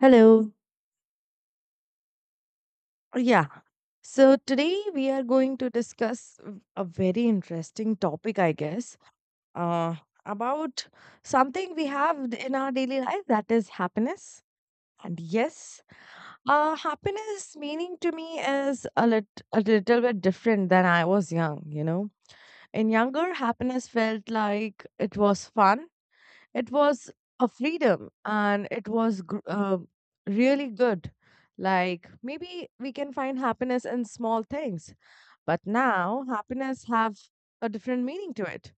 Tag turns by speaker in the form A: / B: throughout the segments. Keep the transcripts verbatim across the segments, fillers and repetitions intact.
A: Hello. Yeah. So today we are going to discuss a very interesting topic, I guess, uh, about something we have in our daily life that is happiness. And yes, uh, happiness meaning to me is a, lit- a little bit different than I was young, you know. In younger, happiness felt like it was fun. It was a freedom and it was gr- uh, really good. Like maybe we can find happiness in small things, but now happiness have a different meaning to it.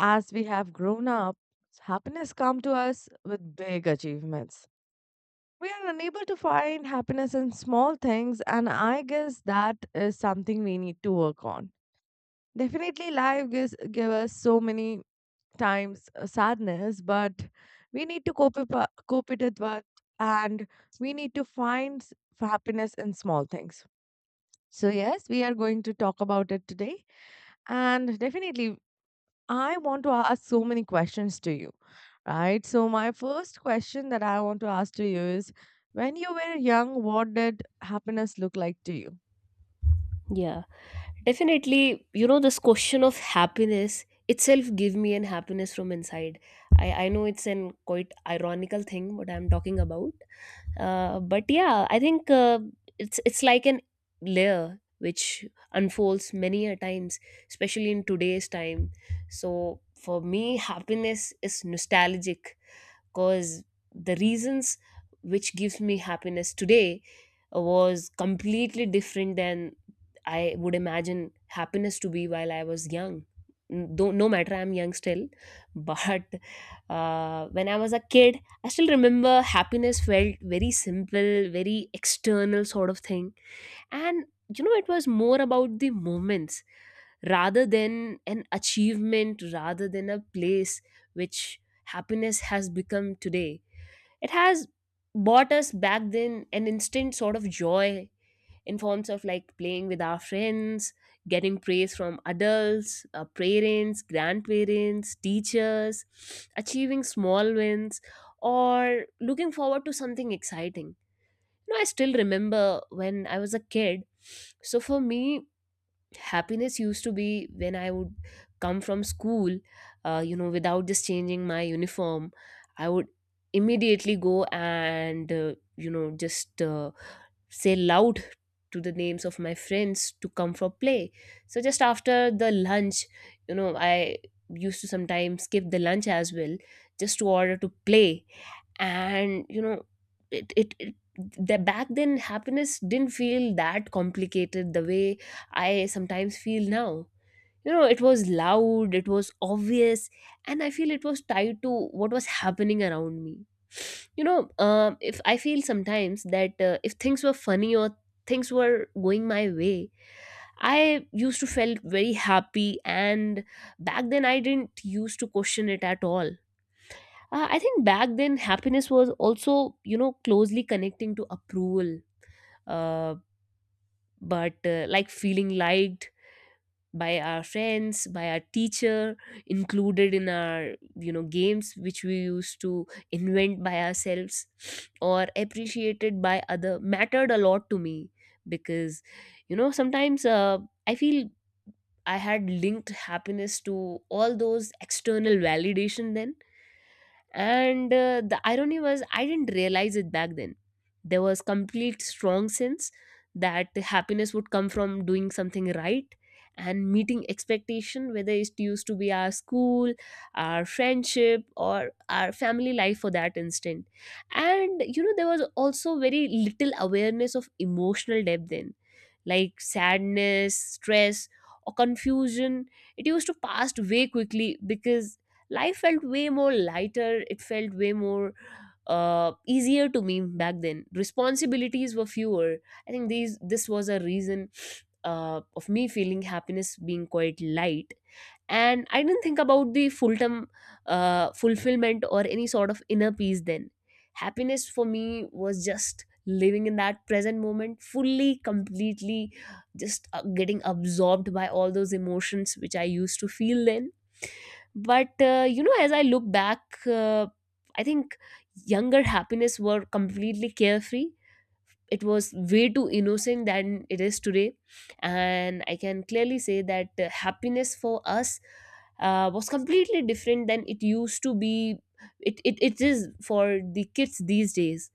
A: As we have grown up, happiness come to us with big achievements. We are unable to find happiness in small things, and I guess that is something we need to work on. Definitely, life gives give us so many times uh, sadness, but we need to cope it, wa- cope it with what, and we need to find s- happiness in small things. So yes, we are going to talk about it today, and definitely, I want to ask so many questions to you, right? So my first question that I want to ask to you is, when you were young, what did happiness look like to you?
B: Yeah, definitely. You know, this question of happiness itself give me an happiness from inside. I, I know it's an quite ironical thing what I'm talking about. Uh, but yeah, I think uh, it's it's like an layer which unfolds many a times, especially in today's time. So for me, happiness is nostalgic because the reasons which gives me happiness today was completely different than I would imagine happiness to be while I was young. N- Though no matter I'm young still, but uh, when I was a kid, I still remember happiness felt very simple, very external sort of thing, and you know it was more about the moments rather than an achievement, rather than a place which happiness has become today. It has bought us back then an instant sort of joy in forms of like playing with our friends, getting praise from adults, our parents, grandparents, teachers, achieving small wins, or looking forward to something exciting. You know, I still remember when I was a kid. So for me, happiness used to be when I would come from school, uh, you know, without just changing my uniform, I would immediately go and, uh, you know, just. Uh, say loud to the names of my friends to come for play, so just after the lunch, you know, I used to sometimes skip the lunch as well, just to order to play. And you know, it it, it the back then happiness didn't feel that complicated the way I sometimes feel now. You know, it was loud, it was obvious, and I feel it was tied to what was happening around me. You know, um, if I feel sometimes that uh, if things were funny or things were going my way, I used to felt very happy, and back then I didn't used to question it at all. uh, I think back then happiness was also, you know, closely connecting to approval. Uh, but uh, Like feeling liked by our friends, by our teacher, included in our, you know, games which we used to invent by ourselves, or appreciated by other mattered a lot to me, because you know sometimes uh, I feel I had linked happiness to all those external validation then. And uh, the irony was, I didn't realize it back then. There was complete strong sense that happiness would come from doing something right and meeting expectation, whether it used to be our school, our friendship, or our family life for that instant. And you know, there was also very little awareness of emotional depth then, like sadness, stress, or confusion. It used to pass way quickly because life felt way more lighter, it felt way more uh, easier to me. Back then responsibilities were fewer. I think these this was a reason uh, of me feeling happiness being quite light, and I didn't think about the full term uh, fulfillment or any sort of inner peace then. Happiness for me was just living in that present moment fully, completely, just uh, getting absorbed by all those emotions which I used to feel then. But uh, you know, as I look back, uh, I think younger happiness were completely carefree, it was way too innocent than it is today. And I can clearly say that uh, happiness for us uh, was completely different than it used to be it, it, it is for the kids these days.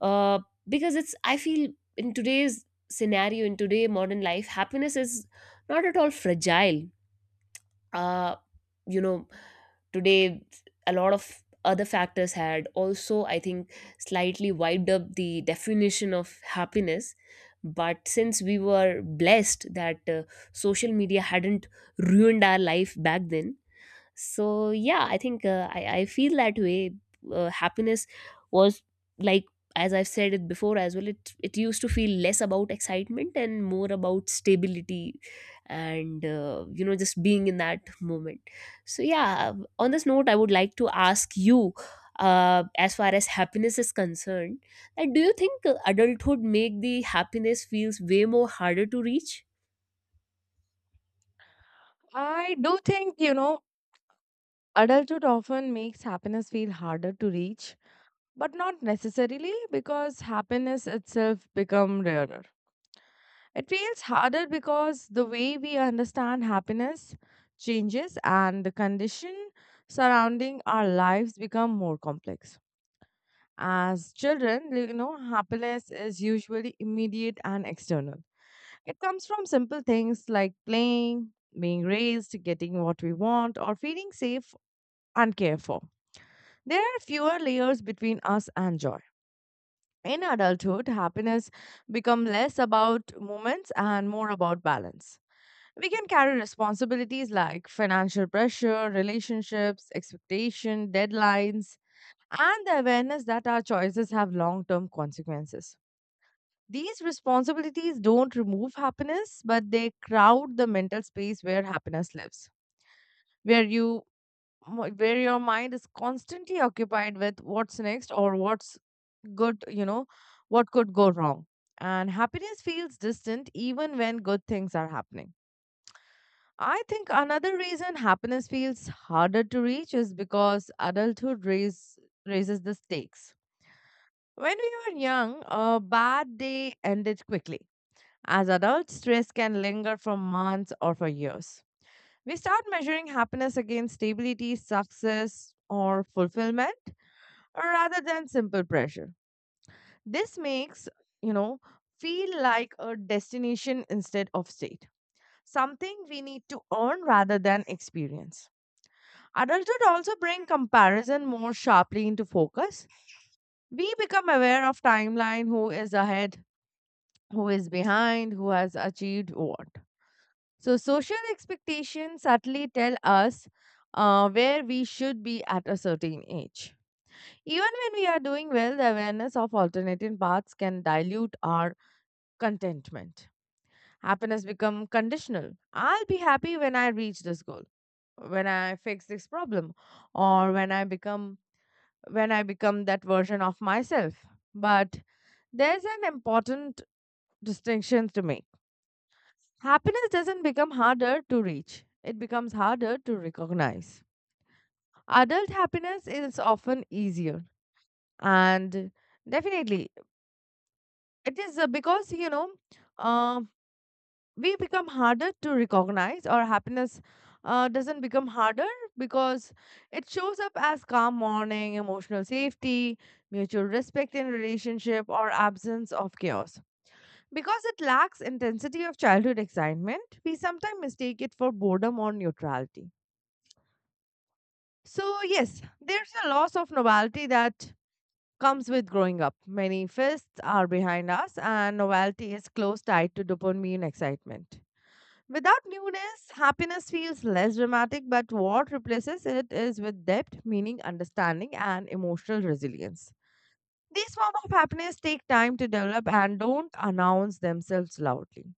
B: uh, because it's, I feel, in today's scenario, in today modern life, happiness is not at all fragile. uh, you know, today a lot of other factors had also, I think, slightly wiped up the definition of happiness. But since we were blessed that uh, social media hadn't ruined our life back then, so yeah, I think uh, I, I feel that way. Uh, happiness was like, as I've said it before as well, it it used to feel less about excitement and more about stability, and uh, you know, just being in that moment. So yeah, on this note, I would like to ask you, uh, as far as happiness is concerned, that do you think uh, adulthood make the happiness feels way more harder to reach?
A: I do think, you know, adulthood often makes happiness feel harder to reach, but not necessarily because happiness itself become rarer. It feels harder because the way we understand happiness changes and the condition surrounding our lives become more complex. As children, you know, happiness is usually immediate and external. It comes from simple things like playing, being raised, getting what we want, or feeling safe and cared for. There are fewer layers between us and joy. In adulthood, happiness become less about moments and more about balance. We can carry responsibilities like financial pressure, relationships, expectation, deadlines, and the awareness that our choices have long-term consequences. These responsibilities don't remove happiness, but they crowd the mental space where happiness lives, where you where your mind is constantly occupied with what's next or what's good, you know, what could go wrong. And happiness feels distant even when good things are happening. I think another reason happiness feels harder to reach is because adulthood raise, raises the stakes. When we were young, a bad day ended quickly. As adults, stress can linger for months or for years. We start measuring happiness against stability, success, or fulfillment rather than simple pressure. This makes, you know, feel like a destination instead of state, something we need to earn rather than experience. Adulthood also bring comparison more sharply into focus. We become aware of timeline, who is ahead, who is behind, who has achieved what. So social expectations subtly tell us uh, where we should be at a certain age. Even when we are doing well, the awareness of alternative paths can dilute our contentment. Happiness become conditional. I'll be happy when I reach this goal, when I fix this problem, or when I become when I become that version of myself. But there's an important distinction to make. Happiness doesn't become harder to reach. It becomes harder to recognize. Adult happiness is often easier and definitely it is, uh, because you know, um we become harder to recognize or happiness uh, doesn't become harder because it shows up as calm morning emotional safety, mutual respect in relationship, or absence of chaos. Because it lacks intensity of childhood excitement, we sometimes mistake it for boredom or neutrality. So yes, there's a loss of novelty that comes with growing up. Many fests are behind us and novelty is close tied to dopamine excitement. Without newness, happiness feels less dramatic, but what replaces it is with depth, meaning, understanding, and emotional resilience. These forms of happiness take time to develop and don't announce themselves loudly,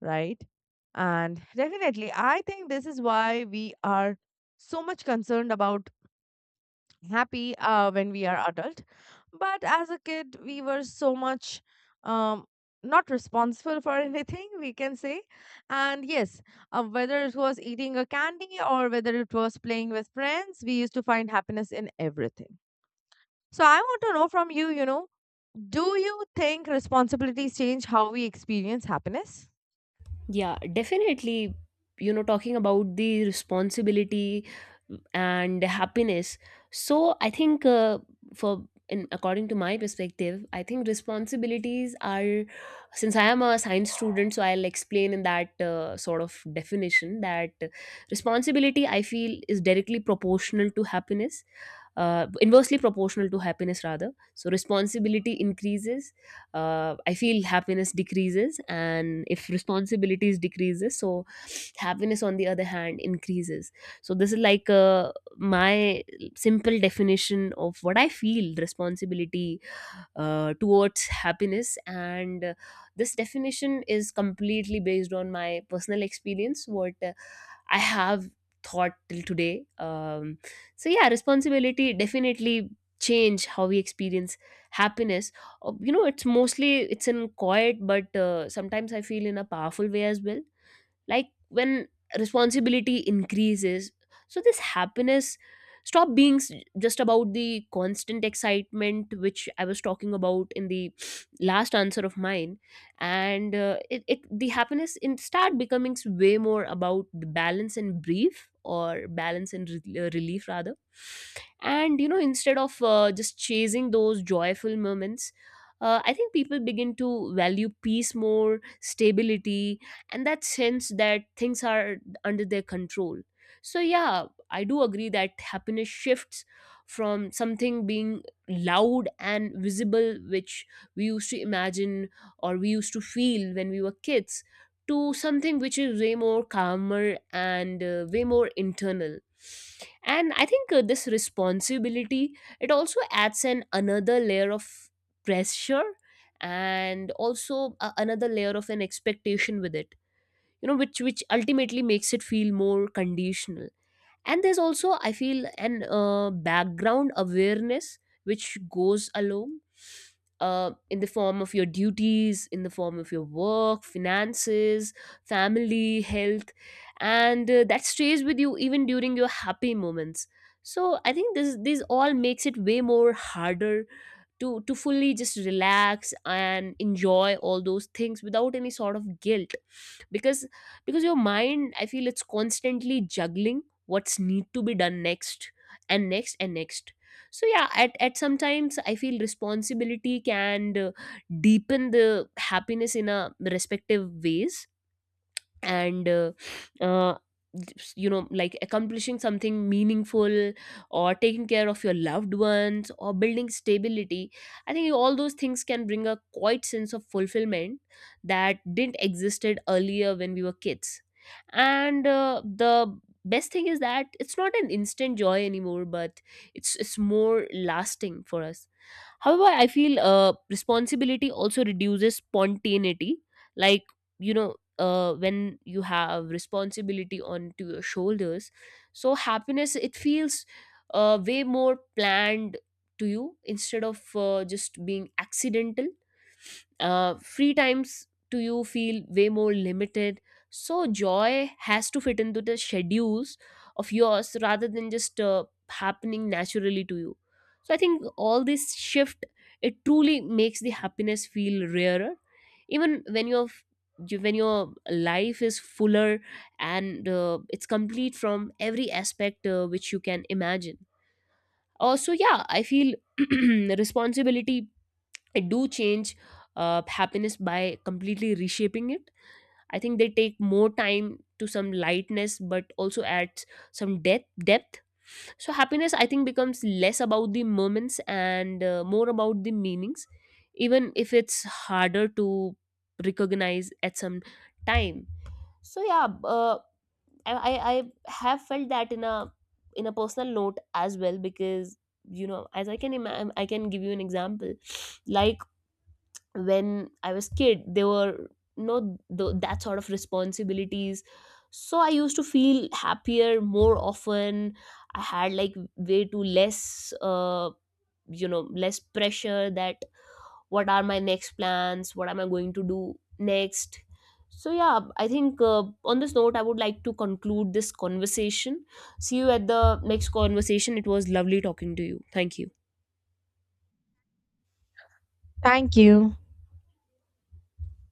A: right? And definitely, I think this is why we are so much concerned about happy uh, when we are adult, but as a kid we were so much, um, not responsible for anything we can say. And yes, uh, whether it was eating a candy or whether it was playing with friends, we used to find happiness in everything. So I want to know from you, you know, do you think responsibilities change how we experience happiness?
B: Yeah, definitely. You know, talking about the responsibility and happiness. So I think uh, for, in according to my perspective, I think responsibilities are, since I am a science student, so I'll explain in that uh, sort of definition, that responsibility I feel is directly proportional to happiness, uh, inversely proportional to happiness rather. So responsibility increases, uh, I feel happiness decreases, and if responsibilities decreases, so happiness on the other hand increases. So this is like uh, my simple definition of what I feel responsibility uh, towards happiness. And uh, this definition is completely based on my personal experience, what uh, I have thought till today. Um, so yeah, responsibility definitely change how we experience happiness. Uh, you know, it's mostly it's in quiet, but uh, sometimes I feel in a powerful way as well. Like when responsibility increases, so this happiness stop being s- just about the constant excitement which I was talking about in the last answer of mine. And uh, it, it the happiness in start becoming s- way more about the balance and brief, or balance and re- uh, relief rather. And you know, instead of uh, just chasing those joyful moments, uh, I think people begin to value peace more, stability, and that sense that things are under their control. So yeah, I do agree that happiness shifts from something being loud and visible, which we used to imagine or we used to feel when we were kids, to something which is way more calmer and uh, way more internal. And I think uh, this responsibility, it also adds an another layer of pressure, and also a- another layer of an expectation with it. You know, which which ultimately makes it feel more conditional. And there's also I feel an uh, background awareness which goes along uh, in the form of your duties, in the form of your work, finances, family, health, and uh, that stays with you even during your happy moments. So I think this this all makes it way more harder to to fully just relax and enjoy all those things without any sort of guilt. Because because your mind, I feel, it's constantly juggling what's need to be done next, and next, and next. So yeah, at, at sometimes I feel responsibility can uh, deepen the happiness in a respective ways. And uh, uh, you know, like accomplishing something meaningful, or taking care of your loved ones, or building stability, I think all those things can bring a quite sense of fulfillment that didn't existed earlier when we were kids. And uh, the best thing is that it's not an instant joy anymore, but it's it's more lasting for us. However, I feel uh, responsibility also reduces spontaneity. Like, you know, uh, when you have responsibility onto your shoulders, so happiness, it feels uh, way more planned to you, instead of uh, just being accidental. Uh, free times to you feel way more limited, so joy has to fit into the schedules of yours rather than just uh, happening naturally to you. So I think all this shift, it truly makes the happiness feel rarer even when your when your life is fuller, and uh, it's complete from every aspect uh, which you can imagine. Also yeah, I feel responsibility, I do change uh, happiness by completely reshaping it. I think they take more time to some lightness, but also adds some depth. Depth. So happiness, I think, becomes less about the moments and uh, more about the meanings, even if it's harder to recognize at some time. So yeah, uh, I, I I have felt that in a in a personal note as well, because you know, as I can imagine, I can give you an example like when I was kid, there were no th- that sort of responsibilities. So I used to feel happier more often. I had like way too less, uh, you know, less pressure that what are my next plans, what am I going to do next. So yeah, I think uh, on this note, I would like to conclude this conversation. See you at the next conversation. It was lovely talking to you. Thank you.
A: Thank you.